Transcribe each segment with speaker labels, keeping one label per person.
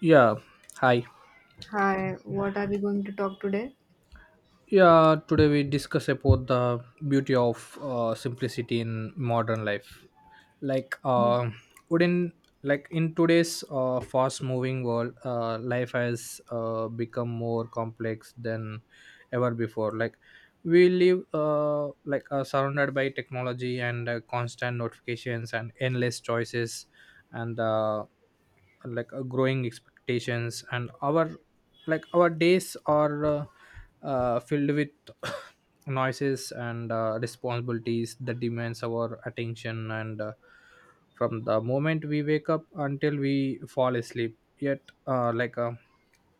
Speaker 1: Yeah, hi.
Speaker 2: Hi, what are we going to talk today?
Speaker 1: Yeah, Today we discuss about the beauty of simplicity in modern life. Like, wouldn't like in today's fast-moving world, life has become more complex than ever before. Like, we live surrounded by technology and constant notifications and endless choices, and growing expectations and our days are filled with noises and responsibilities that demands our attention and from the moment we wake up until we fall asleep. Yet like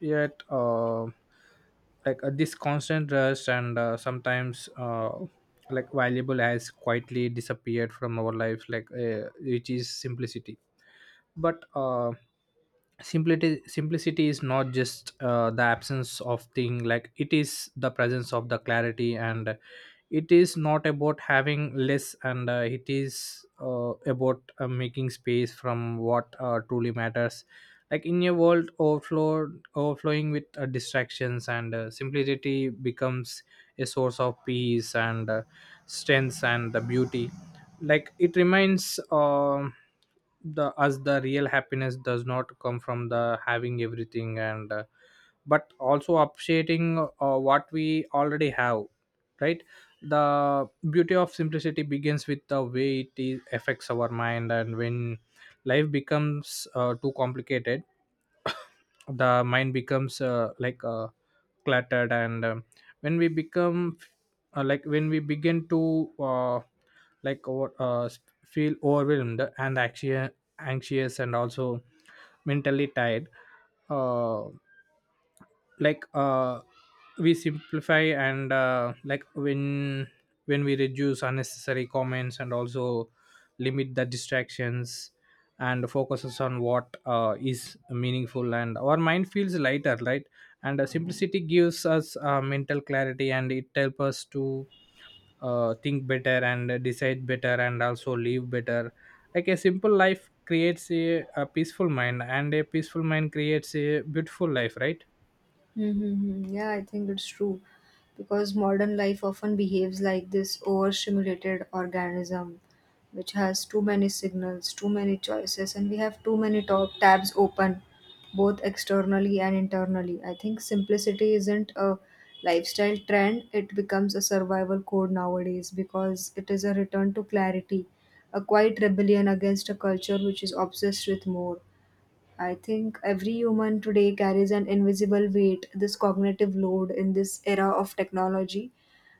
Speaker 1: yet like This constant rush and sometimes valuable has quietly disappeared from our life, which is simplicity. But uh, simplicity simplicity is not just the absence of thing, it is the presence of the clarity, and it is not about having less, and it is about making space from what truly matters. In a world overflowing with distractions, and simplicity becomes a source of peace and strength and the beauty. It reminds the us the real happiness does not come from the having everything, and but also appreciating what we already have, right? The beauty of simplicity begins with the way it is, affects our mind. And when life becomes too complicated, the mind becomes cluttered, and when we become when we begin to like over, uh, s- feel overwhelmed and anxious. Anxious and also mentally tired. uh, like uh we simplify, and when we reduce unnecessary comments and also limit the distractions and focuses on what is meaningful, and our mind feels lighter, right? And simplicity gives us mental clarity, and it helps us to think better and decide better and also live better. Like a simple life creates a peaceful mind, and a peaceful mind creates a beautiful life, right?
Speaker 2: Mm-hmm. Yeah, I think it's true because modern life often behaves like this overstimulated organism which has too many signals, too many choices, and we have too many top tabs open both externally and internally. I think simplicity isn't a lifestyle trend, it becomes a survival code nowadays because it is a return to clarity, a quiet rebellion against a culture which is obsessed with more. I think every human today carries an invisible weight, this cognitive load in this era of technology.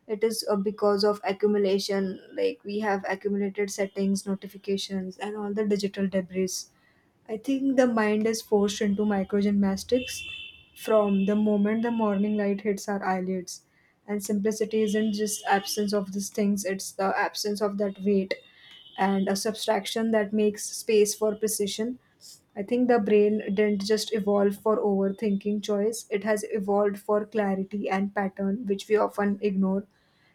Speaker 2: It is because of accumulation, like we have accumulated settings, notifications, and all the digital debris. I think the mind is forced into microgymnastics from the moment the morning light hits our eyelids. And simplicity isn't just absence of these things, it's the absence of that weight and a subtraction that makes space for precision. I think the brain didn't just evolve for overthinking choice, it has evolved for clarity and pattern, which we often ignore.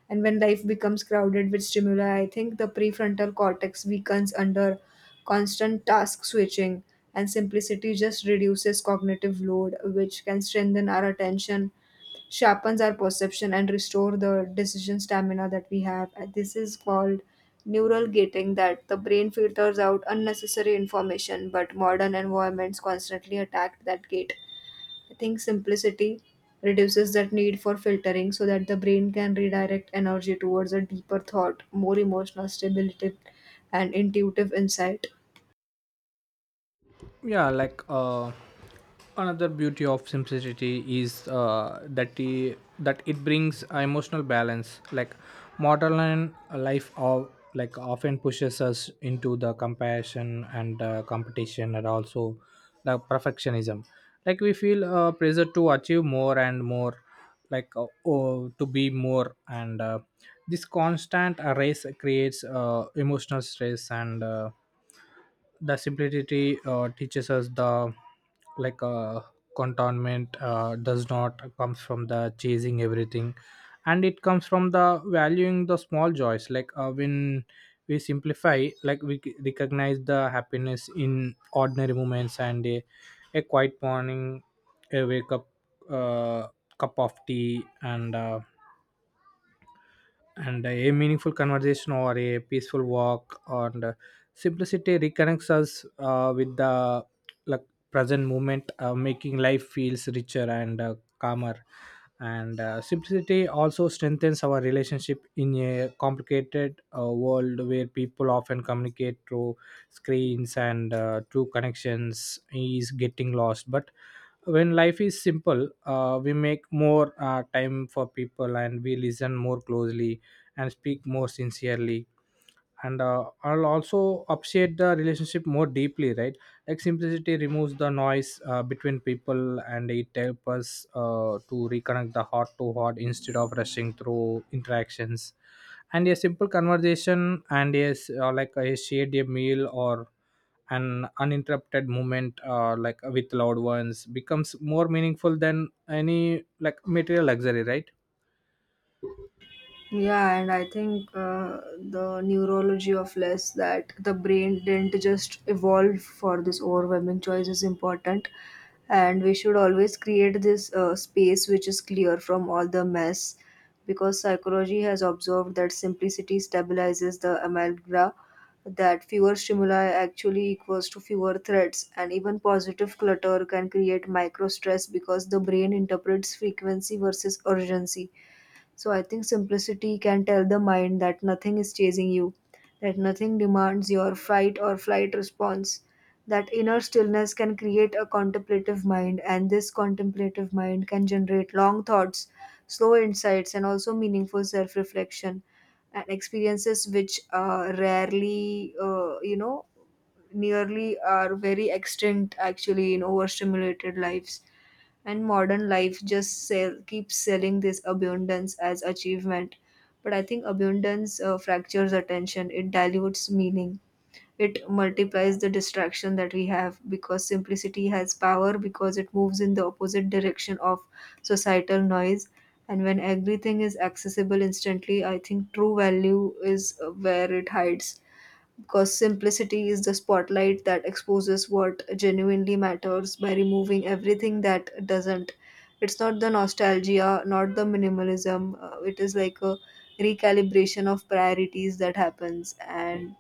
Speaker 2: And when life becomes crowded with stimuli, I think the prefrontal cortex weakens under constant task switching, and simplicity just reduces cognitive load, which can strengthen our attention, sharpens our perception, and restore the decision stamina that we have. And this is called neural gating, that the brain filters out unnecessary information, but modern environments constantly attack that gate. I think simplicity reduces that need for filtering so that the brain can redirect energy towards a deeper thought, more emotional stability, and intuitive insight.
Speaker 1: Yeah. Another beauty of simplicity is that it brings emotional balance. Like modern life of like often pushes us into the comparison and competition and also the perfectionism. We feel pressure to achieve more and more, to be more. And this constant race creates emotional stress. And the simplicity teaches us the like uh, contentment does not comes from the chasing everything, and it comes from the valuing the small joys. When we simplify, recognize the happiness in ordinary moments: and a quiet morning, a wake up, uh, cup of tea, and a meaningful conversation, or a peaceful walk. And simplicity reconnects us with the like present moment, making life feels richer and calmer. And simplicity also strengthens our relationship in a complicated world, where people often communicate through screens and true connections is getting lost. But when life is simple, we make more time for people, and we listen more closely and speak more sincerely, and I'll also appreciate the relationship more deeply, right? Simplicity removes the noise between people, and it helps us to reconnect the heart to heart instead of rushing through interactions. And a simple conversation, and yes, a shared a meal or an uninterrupted moment with loved ones becomes more meaningful than any like material luxury, right?
Speaker 2: Yeah, and I think the neurology of less, that the brain didn't just evolve for this overwhelming choice, is important. And we should always create this space which is clear from all the mess, because psychology has observed that simplicity stabilizes the amygdala, that fewer stimuli actually equals to fewer threats, and even positive clutter can create micro stress because the brain interprets frequency versus urgency. So I think simplicity can tell the mind that nothing is chasing you, that nothing demands your fight or flight response. That inner stillness can create a contemplative mind, and this contemplative mind can generate long thoughts, slow insights, and also meaningful self reflection and experiences which are rarely, you know, nearly are very extinct actually in overstimulated lives. And modern life just keeps selling this abundance as achievement, but I think abundance fractures attention, it dilutes meaning, it multiplies the distraction that we have, because simplicity has power because it moves in the opposite direction of societal noise. And when everything is accessible instantly, I think true value is where it hides, because simplicity is the spotlight that exposes what genuinely matters by removing everything that doesn't. It's not the nostalgia, not the minimalism. It is like a recalibration of priorities that happens. And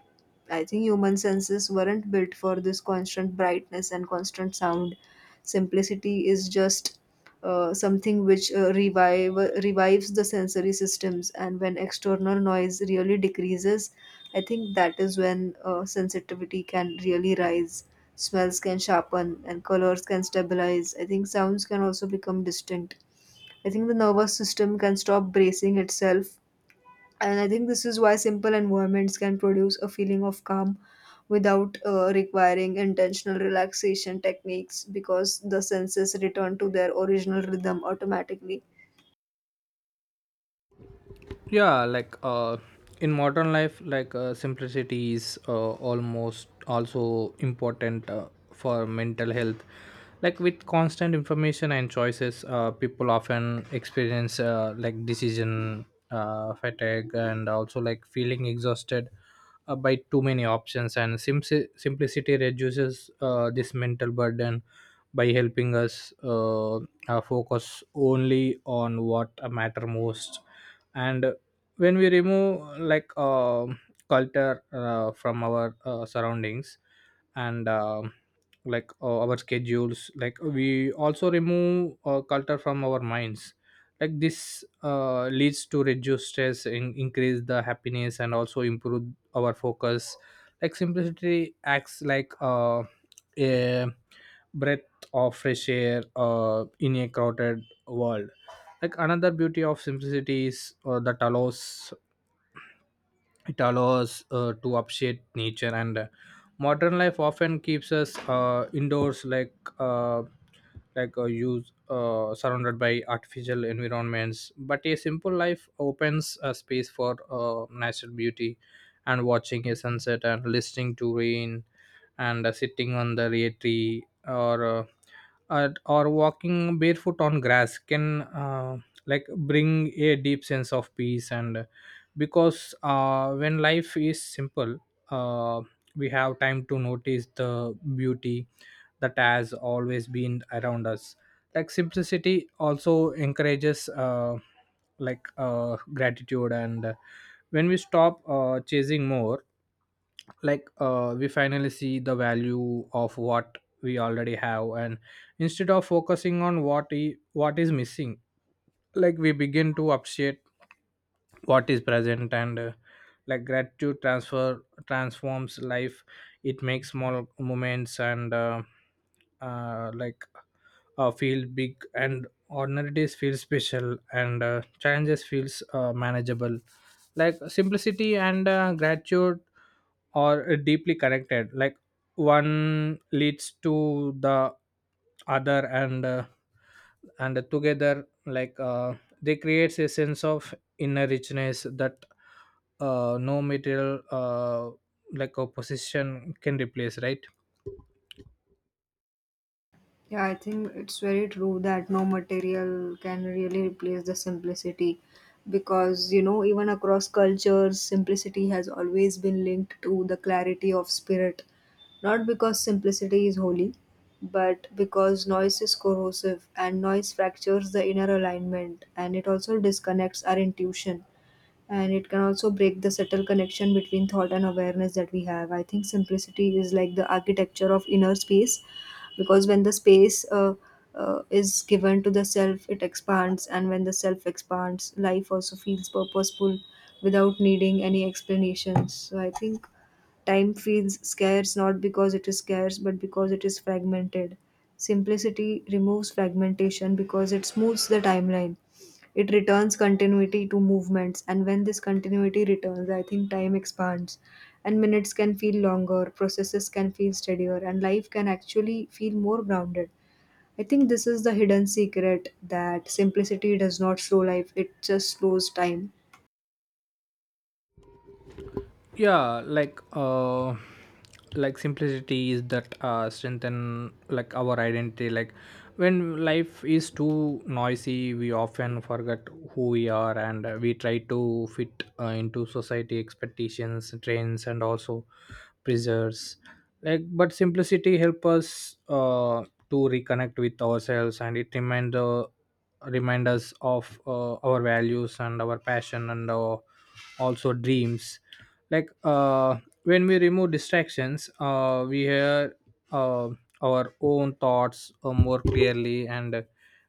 Speaker 2: I think human senses weren't built for this constant brightness and constant sound. Simplicity is just something which revives the sensory systems, and when external noise really decreases, I think that is when sensitivity can really rise. Smells can sharpen and colors can stabilize. I think sounds can also become distinct. I think the nervous system can stop bracing itself, and I think this is why simple environments can produce a feeling of calm without requiring intentional relaxation techniques, because the senses return to their original rhythm automatically.
Speaker 1: Yeah. In modern life, simplicity is almost also important for mental health. Like, with constant information and choices, people often experience decision fatigue and also like feeling exhausted by too many options. And simplicity reduces this mental burden by helping us focus only on what matter most. And when we remove culture from our surroundings and our schedules, like we also remove culture from our minds. This leads to reduce stress and increase the happiness and also improve our focus. Like simplicity acts like a breath of fresh air in a crowded world. Like another beauty of simplicity is that allows it allows to appreciate nature. And modern life often keeps us indoors, like use surrounded by artificial environments. But a simple life opens a space for natural beauty, and watching a sunset and listening to rain and sitting on the rear tree, or walking barefoot on grass can like bring a deep sense of peace. And because when life is simple, uh, we have time to notice the beauty that has always been around us. Like simplicity also encourages gratitude. And when we stop chasing more, we finally see the value of what we already have. And instead of focusing on what is missing, like we begin to appreciate what is present. And gratitude transfer transforms life, it makes small moments and uh, like feel big, and ordinary days feel special, and challenges feels manageable. Like simplicity and gratitude are deeply connected. Like one leads to the other. And together, they creates a sense of inner richness that no material opposition can replace, right?
Speaker 2: Yeah, I think it's very true that no material can really replace the simplicity because, you know, even across cultures, simplicity has always been linked to the clarity of spirit. Not because simplicity is holy, but because noise is corrosive, and noise fractures the inner alignment and it also disconnects our intuition, and it can also break the subtle connection between thought and awareness that we have. I think simplicity is like the architecture of inner space, because when the space is given to the self, it expands, and when the self expands, life also feels purposeful without needing any explanations. So I think time feels scarce not because it is scarce, but because it is fragmented. Simplicity removes fragmentation because it smooths the timeline. It returns continuity to movements, and when this continuity returns, I think time expands, and minutes can feel longer, processes can feel steadier, and life can actually feel more grounded. I think this is the hidden secret, that simplicity does not slow life, it just slows time.
Speaker 1: Yeah. Like simplicity is that strengthen like our identity. Like when life is too noisy, we often forget who we are, and we try to fit into society expectations, trends, and also pressures. But simplicity help us to reconnect with ourselves, and it remind us of our values and our passion and also dreams. like uh, when we remove distractions, we hear uh, our own thoughts more clearly, and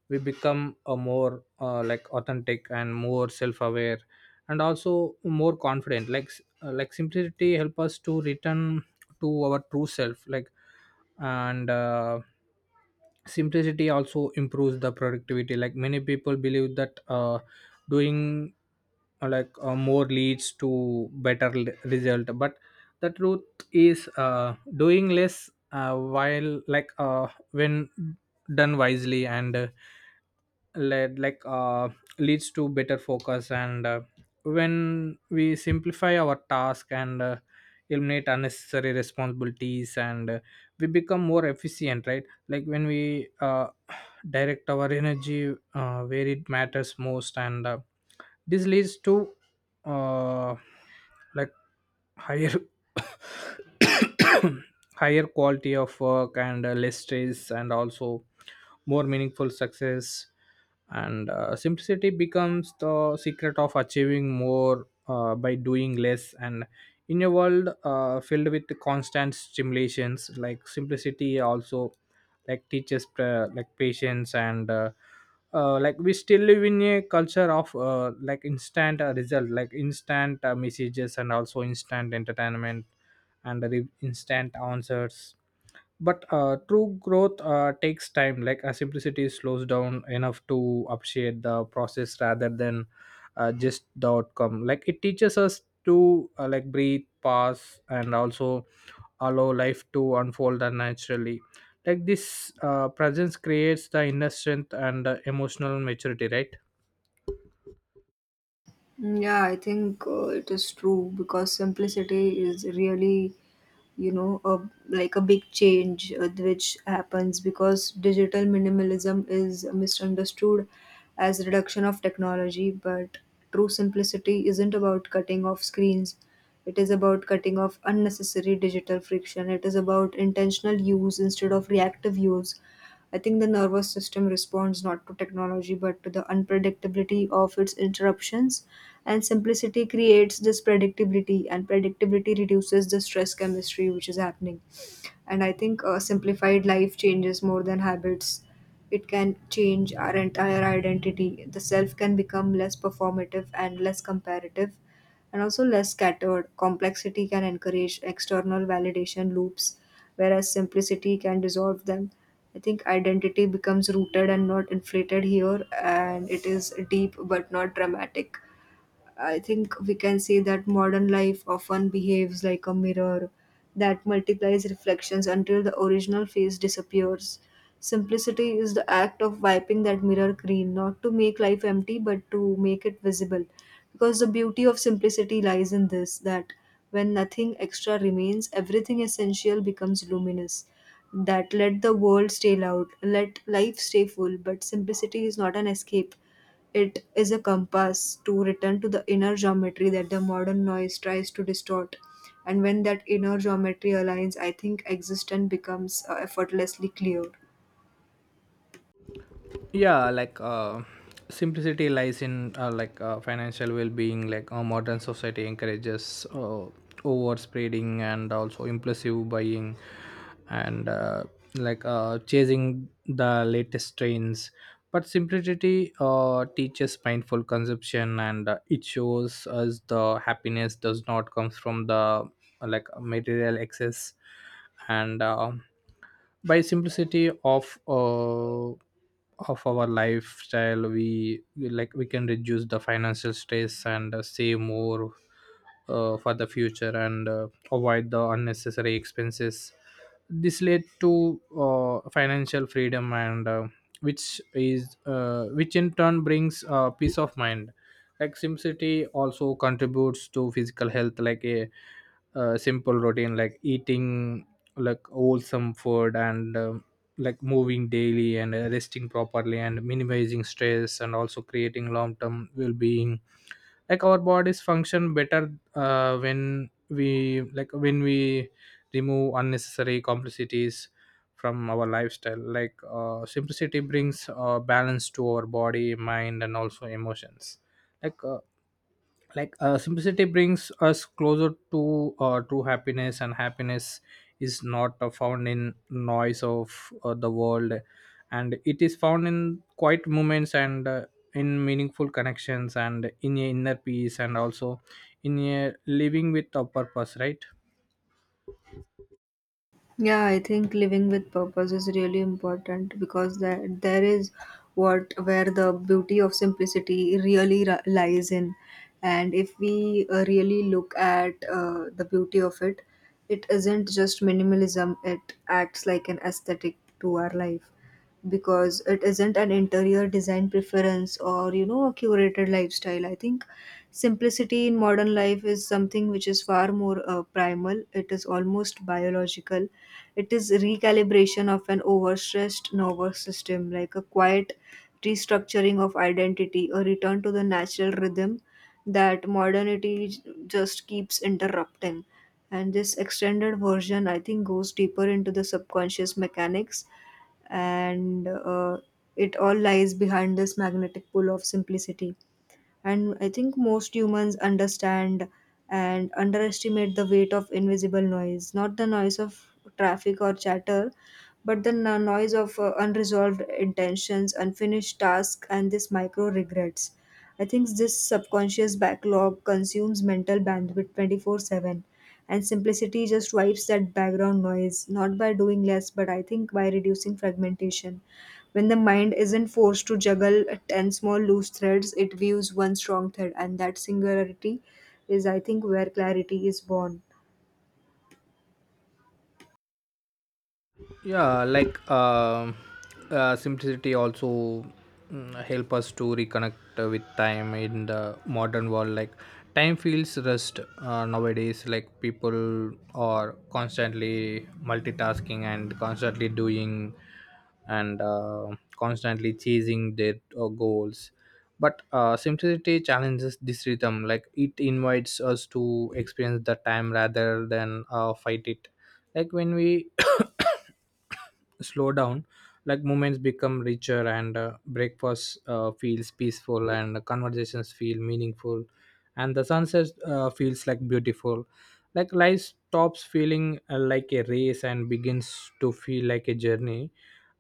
Speaker 1: we become a more authentic and more self-aware and also more confident. Like simplicity help us to return to our true self. Like and Simplicity also improves the productivity. Like many people believe that doing more leads to result, but the truth is doing less, while like when done wisely, and led like leads to better focus. And when we simplify our task and eliminate unnecessary responsibilities, and we become more efficient, right? Like when we direct our energy where it matters most. And this leads to uh, like higher higher quality of work and less stress and also more meaningful success. And simplicity becomes the secret of achieving more by doing less. And in a world filled with constant stimulations, like simplicity also teaches patience. And we still live in a culture of instant result, like instant messages and also instant entertainment and instant answers. But true growth takes time. Simplicity slows down enough to appreciate the process rather than just the outcome. Like it teaches us to breathe, pause, and also allow life to unfold naturally. This presence creates the inner strength and emotional maturity, right?
Speaker 2: Mm. Yeah, I think it is true because simplicity is really, you know, like a big change which happens because digital minimalism is misunderstood as reduction of technology, but true simplicity isn't about cutting off screens. It is about cutting off unnecessary digital friction. It is about intentional use instead of reactive use. I think the nervous system responds not to technology but to the unpredictability of its interruptions. And simplicity creates this predictability, and predictability reduces the stress chemistry which is happening. And I think a simplified life changes more than habits. It can change our entire identity. The self can become less performative and less comparative, and also less scattered. Complexity can encourage external validation loops, whereas simplicity can dissolve them. I think identity becomes rooted and not inflated here, and it is deep but not dramatic. I think we can see that modern life often behaves like a mirror that multiplies reflections until the original face disappears. Simplicity is the act of wiping that mirror clean, not to make life empty, but to make it visible. Because the beauty of simplicity lies in this, that when nothing extra remains, everything essential becomes luminous. That let the world stay loud, let life stay full, but simplicity is not an escape, it is a compass to return to the inner geometry that the modern noise tries to distort. And when that inner geometry aligns, I think existence becomes effortlessly clear.
Speaker 1: Yeah. Simplicity lies in financial well-being. Modern society encourages over spreading and also impulsive buying and chasing the latest trends. But simplicity teaches mindful consumption, and it shows us the happiness does not come from the material excess. And by simplicity of our lifestyle, we we can reduce the financial stress and save more for the future, and avoid the unnecessary expenses. This led to financial freedom, and which in turn brings peace of mind. Like simplicity also contributes to physical health. Like a simple routine, like eating wholesome food, and moving daily, and resting properly, and minimizing stress, and also creating long-term well-being. Like our bodies function better when we remove unnecessary complexities from our lifestyle. Simplicity brings balance to our body, mind, and also emotions. like uh, Simplicity brings us closer to true happiness. And happiness is not found in noise of the world, and it is found in quiet moments and in meaningful connections, and in a inner peace, and also in a living with a purpose, right?
Speaker 2: Yeah, I think living with purpose is really important, because that there is what where the beauty of simplicity really lies in, and if we really look at the beauty of it, it isn't just minimalism. It acts like an aesthetic to our life, because it isn't an interior design preference or, you know, a curated lifestyle. I think simplicity in modern life is something which is far more primal. It is almost biological. It is recalibration of an overstressed nervous system, like a quiet restructuring of identity, a return to the natural rhythm that modernity just keeps interrupting. And this extended version, I think, goes deeper into the subconscious mechanics, and it all lies behind this magnetic pull of simplicity. And I think most humans understand and underestimate the weight of invisible noise, not the noise of traffic or chatter, but the noise of unresolved intentions, unfinished tasks, and these micro regrets. I think this subconscious backlog consumes mental bandwidth 24/7, and simplicity just wipes that background noise, not by doing less, but I think by reducing fragmentation. When the mind isn't forced to juggle 10 small loose threads, it views one strong thread, and that singularity is, I think, where clarity is born.
Speaker 1: Yeah. Simplicity also help us to reconnect with time in the modern world. Like time feels rushed nowadays. Like people are constantly multitasking and constantly doing and constantly chasing their goals. But simplicity challenges this rhythm, like it invites us to experience the time rather than fight it. Like when we slow down, like moments become richer, and breakfast feels peaceful and conversations feel meaningful, and the sunset feels like beautiful. Like life stops feeling like a race and begins to feel like a journey.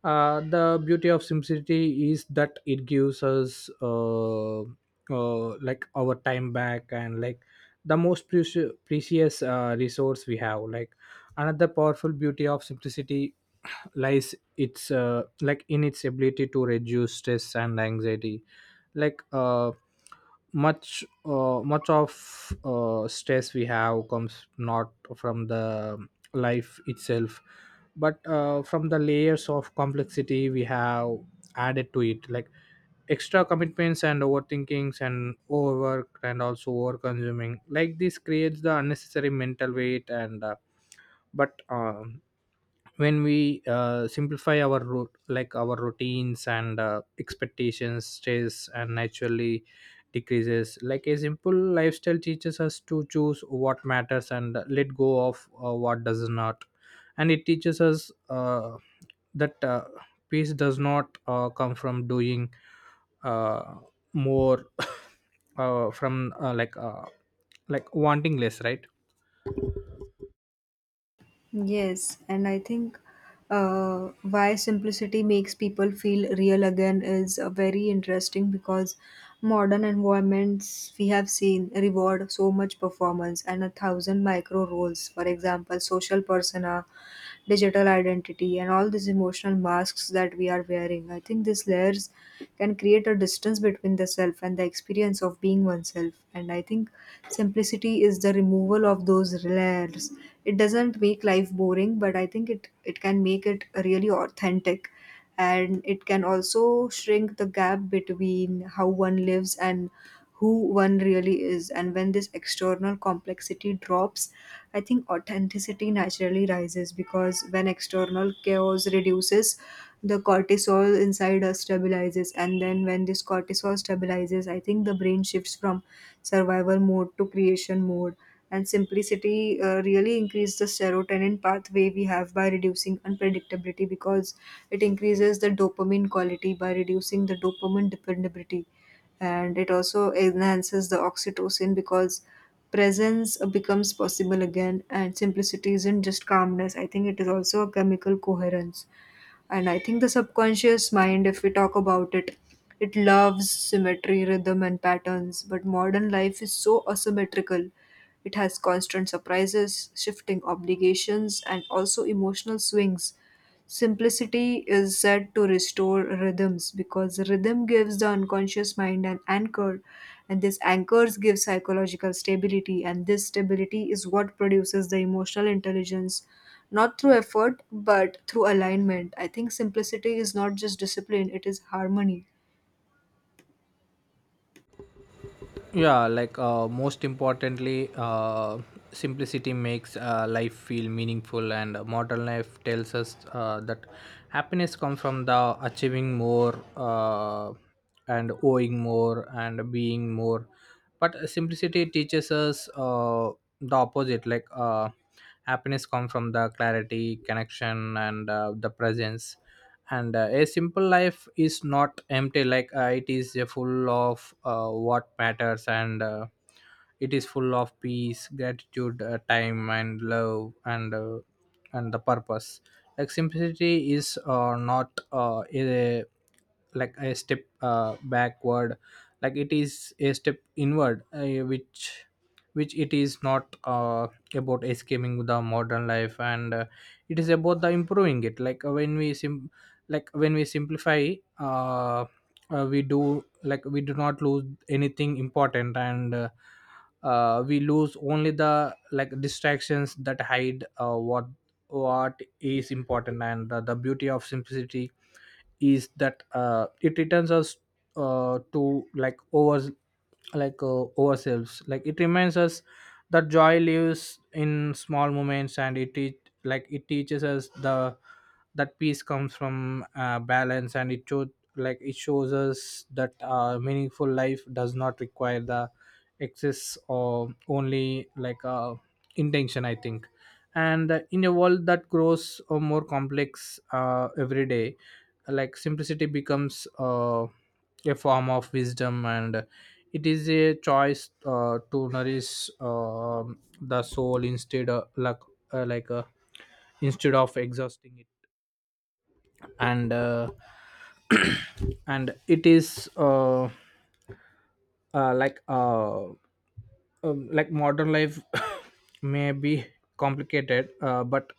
Speaker 1: The beauty of simplicity is that it gives us like our time back, and like the most precious resource we have. Like another powerful beauty of simplicity lies its like in its ability to reduce stress and anxiety. Like much of stress we have comes not from the life itself, but from the layers of complexity we have added to it, like extra commitments and overthinkings and overwork and also over consuming. Like this creates the unnecessary mental weight, and but when we simplify our route like our routines and expectations stress and naturally decreases. Like a simple lifestyle teaches us to choose what matters and let go of what does not. And it teaches us that peace does not come from doing uh, more. From like Like wanting less, right?
Speaker 2: Yes, and I think why simplicity makes people feel real again is very interesting, because modern environments we have seen reward so much performance and a thousand micro roles, for example, social persona, digital identity, and all these emotional masks that we are wearing. I think these layers can create a distance between in the self and the experience of being oneself. And I think simplicity is the removal of those layers. It doesn't make life boring, but I think it can make it really authentic. And it can also shrink the gap between how one lives and who one really is. And when this external complexity drops, I think authenticity naturally rises, because when external chaos reduces, the cortisol inside us stabilizes. And then when this cortisol stabilizes, I think the brain shifts from survival mode to creation mode. And simplicity really increases the serotonin pathway we have by reducing unpredictability, because it increases the dopamine quality by reducing the dopamine dependability, and it also enhances the oxytocin because presence becomes possible again. And simplicity isn't just calmness, I think it is also a chemical coherence. And I think the subconscious mind, if we talk about it, it loves symmetry, rhythm, and patterns, but modern life is so asymmetrical. It has constant surprises, shifting obligations, and also emotional swings. Simplicity is said to restore rhythms, because rhythm gives the unconscious mind an anchor, and this anchors give psychological stability, and this stability is what produces the emotional intelligence, not through effort but through alignment. I think simplicity is not just discipline, it is harmony.
Speaker 1: Yeah. Most importantly, simplicity makes life feel meaningful, and modern life tells us that happiness comes from the achieving more, and owing more and being more, but simplicity teaches us the opposite. Happiness comes from the clarity connection and the presence. And a simple life is not empty. It is full of what matters, and it is full of peace gratitude, time and love, and and the purpose. Like simplicity is not a like a step backward. Like it is a step inward, which it is not about escaping the modern life, and it is about the improving it. Like when we like when we simplify, uh, we do like we do not lose anything important, and we lose only the like distractions that hide what is important. And the beauty of simplicity is that it returns us to like over like ourselves. Like it reminds us that joy lives in small moments, and like it teaches us the that peace comes from balance, and it shows like it shows us that meaningful life does not require the excess or only intention, I think. And in a world that grows more complex every day, like simplicity becomes a form of wisdom, and it is a choice to nourish the soul instead of uh, like uh, instead of exhausting it. And and it is uh, like uh, like modern life may be complicated, but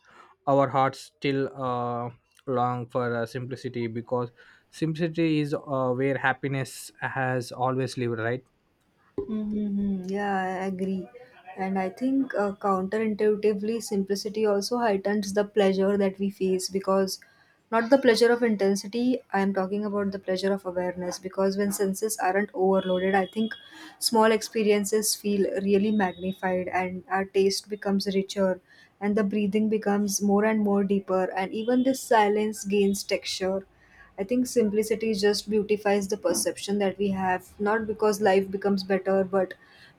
Speaker 1: our hearts still long for simplicity, because simplicity is where happiness has always lived, right?
Speaker 2: Mm-hmm. Yeah, I agree. And I think counterintuitively, simplicity also heightens the pleasure that we face, because not the pleasure of intensity, I am talking about the pleasure of awareness. Because when senses aren't overloaded, I think small experiences feel really magnified, and our taste becomes richer, and the breathing becomes more and more deeper. And even this silence gains texture. I think simplicity just beautifies the perception that we have, not because life becomes better, but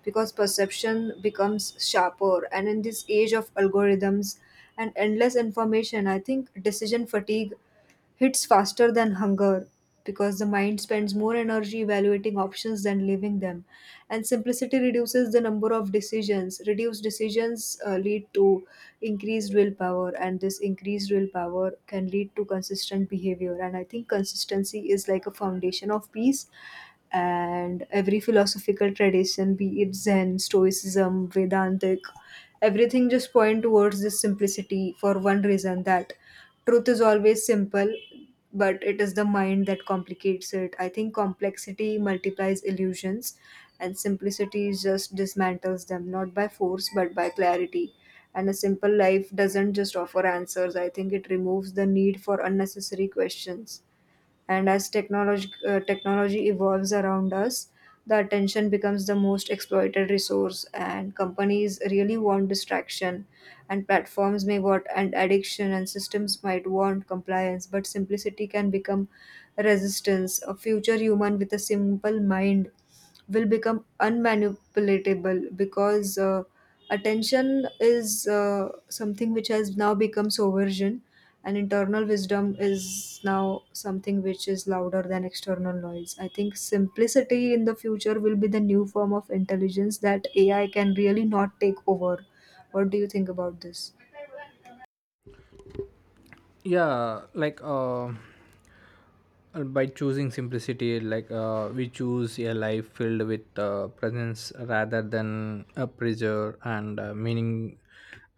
Speaker 2: because perception becomes sharper. And in this age of algorithms and endless information, I think decision fatigue hits faster than hunger, because the mind spends more energy evaluating options than living them. And simplicity reduces the number of decisions. Reduced decisions lead to increased willpower, and this increased willpower can lead to consistent behavior, and I think consistency is like a foundation of peace. And every philosophical tradition, be it Zen, stoicism, Vedantic, everything just point towards this simplicity for one reason, that truth is always simple, but it is the mind that complicates it. I think complexity multiplies illusions, and simplicity just dismantles them, not by force, but by clarity. And a simple life doesn't just offer answers, I think it removes the need for unnecessary questions. And as technology evolves around us, the attention becomes the most exploited resource, and companies really want distraction, and platforms may want and addiction, and systems might want compliance. But simplicity can become resistance. A future human with a simple mind will become unmanipulatable, because attention is something which has now become sovereign, and internal wisdom is now something which is louder than external noise. I think simplicity in the future will be the new form of intelligence that AI can really not take over. What do you think about this?
Speaker 1: Yeah. By choosing simplicity, we choose a life filled with presence rather than a pressure, and meaning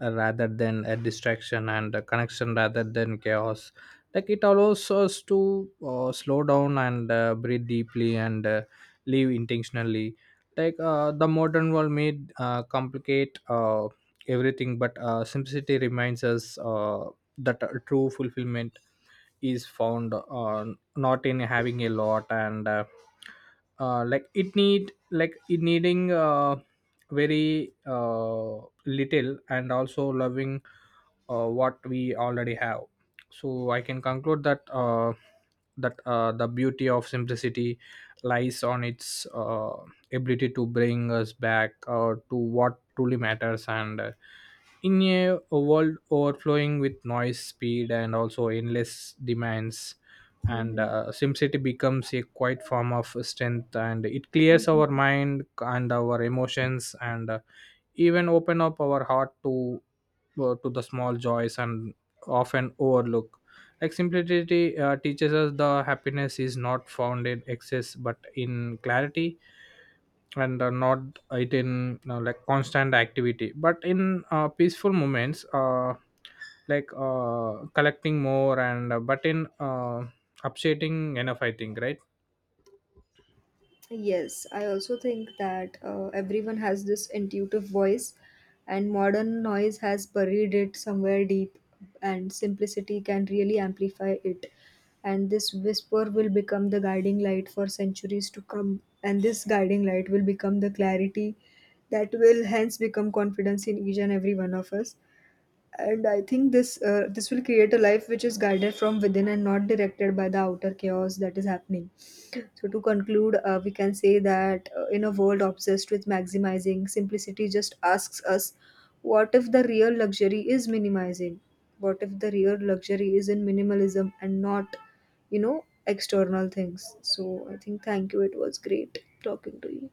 Speaker 1: rather than a distraction, and a connection rather than chaos. Like it allows us to slow down and breathe deeply and live intentionally. Like the modern world may complicate everything, but simplicity reminds us that true fulfillment is found, not in having a lot, and it needing very little, and also loving what we already have. So I can conclude that the beauty of simplicity lies on its ability to bring us back to what truly matters. And in a world overflowing with noise, speed, and also endless demands, and
Speaker 2: Hmm.
Speaker 1: SimCity becomes a quiet form of strength, and it clears our mind and our emotions, and even open up our heart to, to the small joys and often overlook. Like simplicity teaches us the happiness is not found in excess but in clarity, and not it in like constant activity, but in peaceful moments, collecting more, and but in upsetting enough, I think, right?
Speaker 2: Yes, I also think that everyone has this intuitive voice, and modern noise has buried it somewhere deep, and simplicity can really amplify it. And this whisper will become the guiding light for centuries to come, and this guiding light will become the clarity that will hence become confidence in each and every one of us. And I think this will create a life which is guided from within and not directed by the outer chaos that is happening. So, to conclude, we can say that in a world obsessed with maximizing, simplicity just asks us, what if the real luxury is minimizing? What if the real luxury is in minimalism and not, you know, external things? So, I think thank you. It was great talking to you.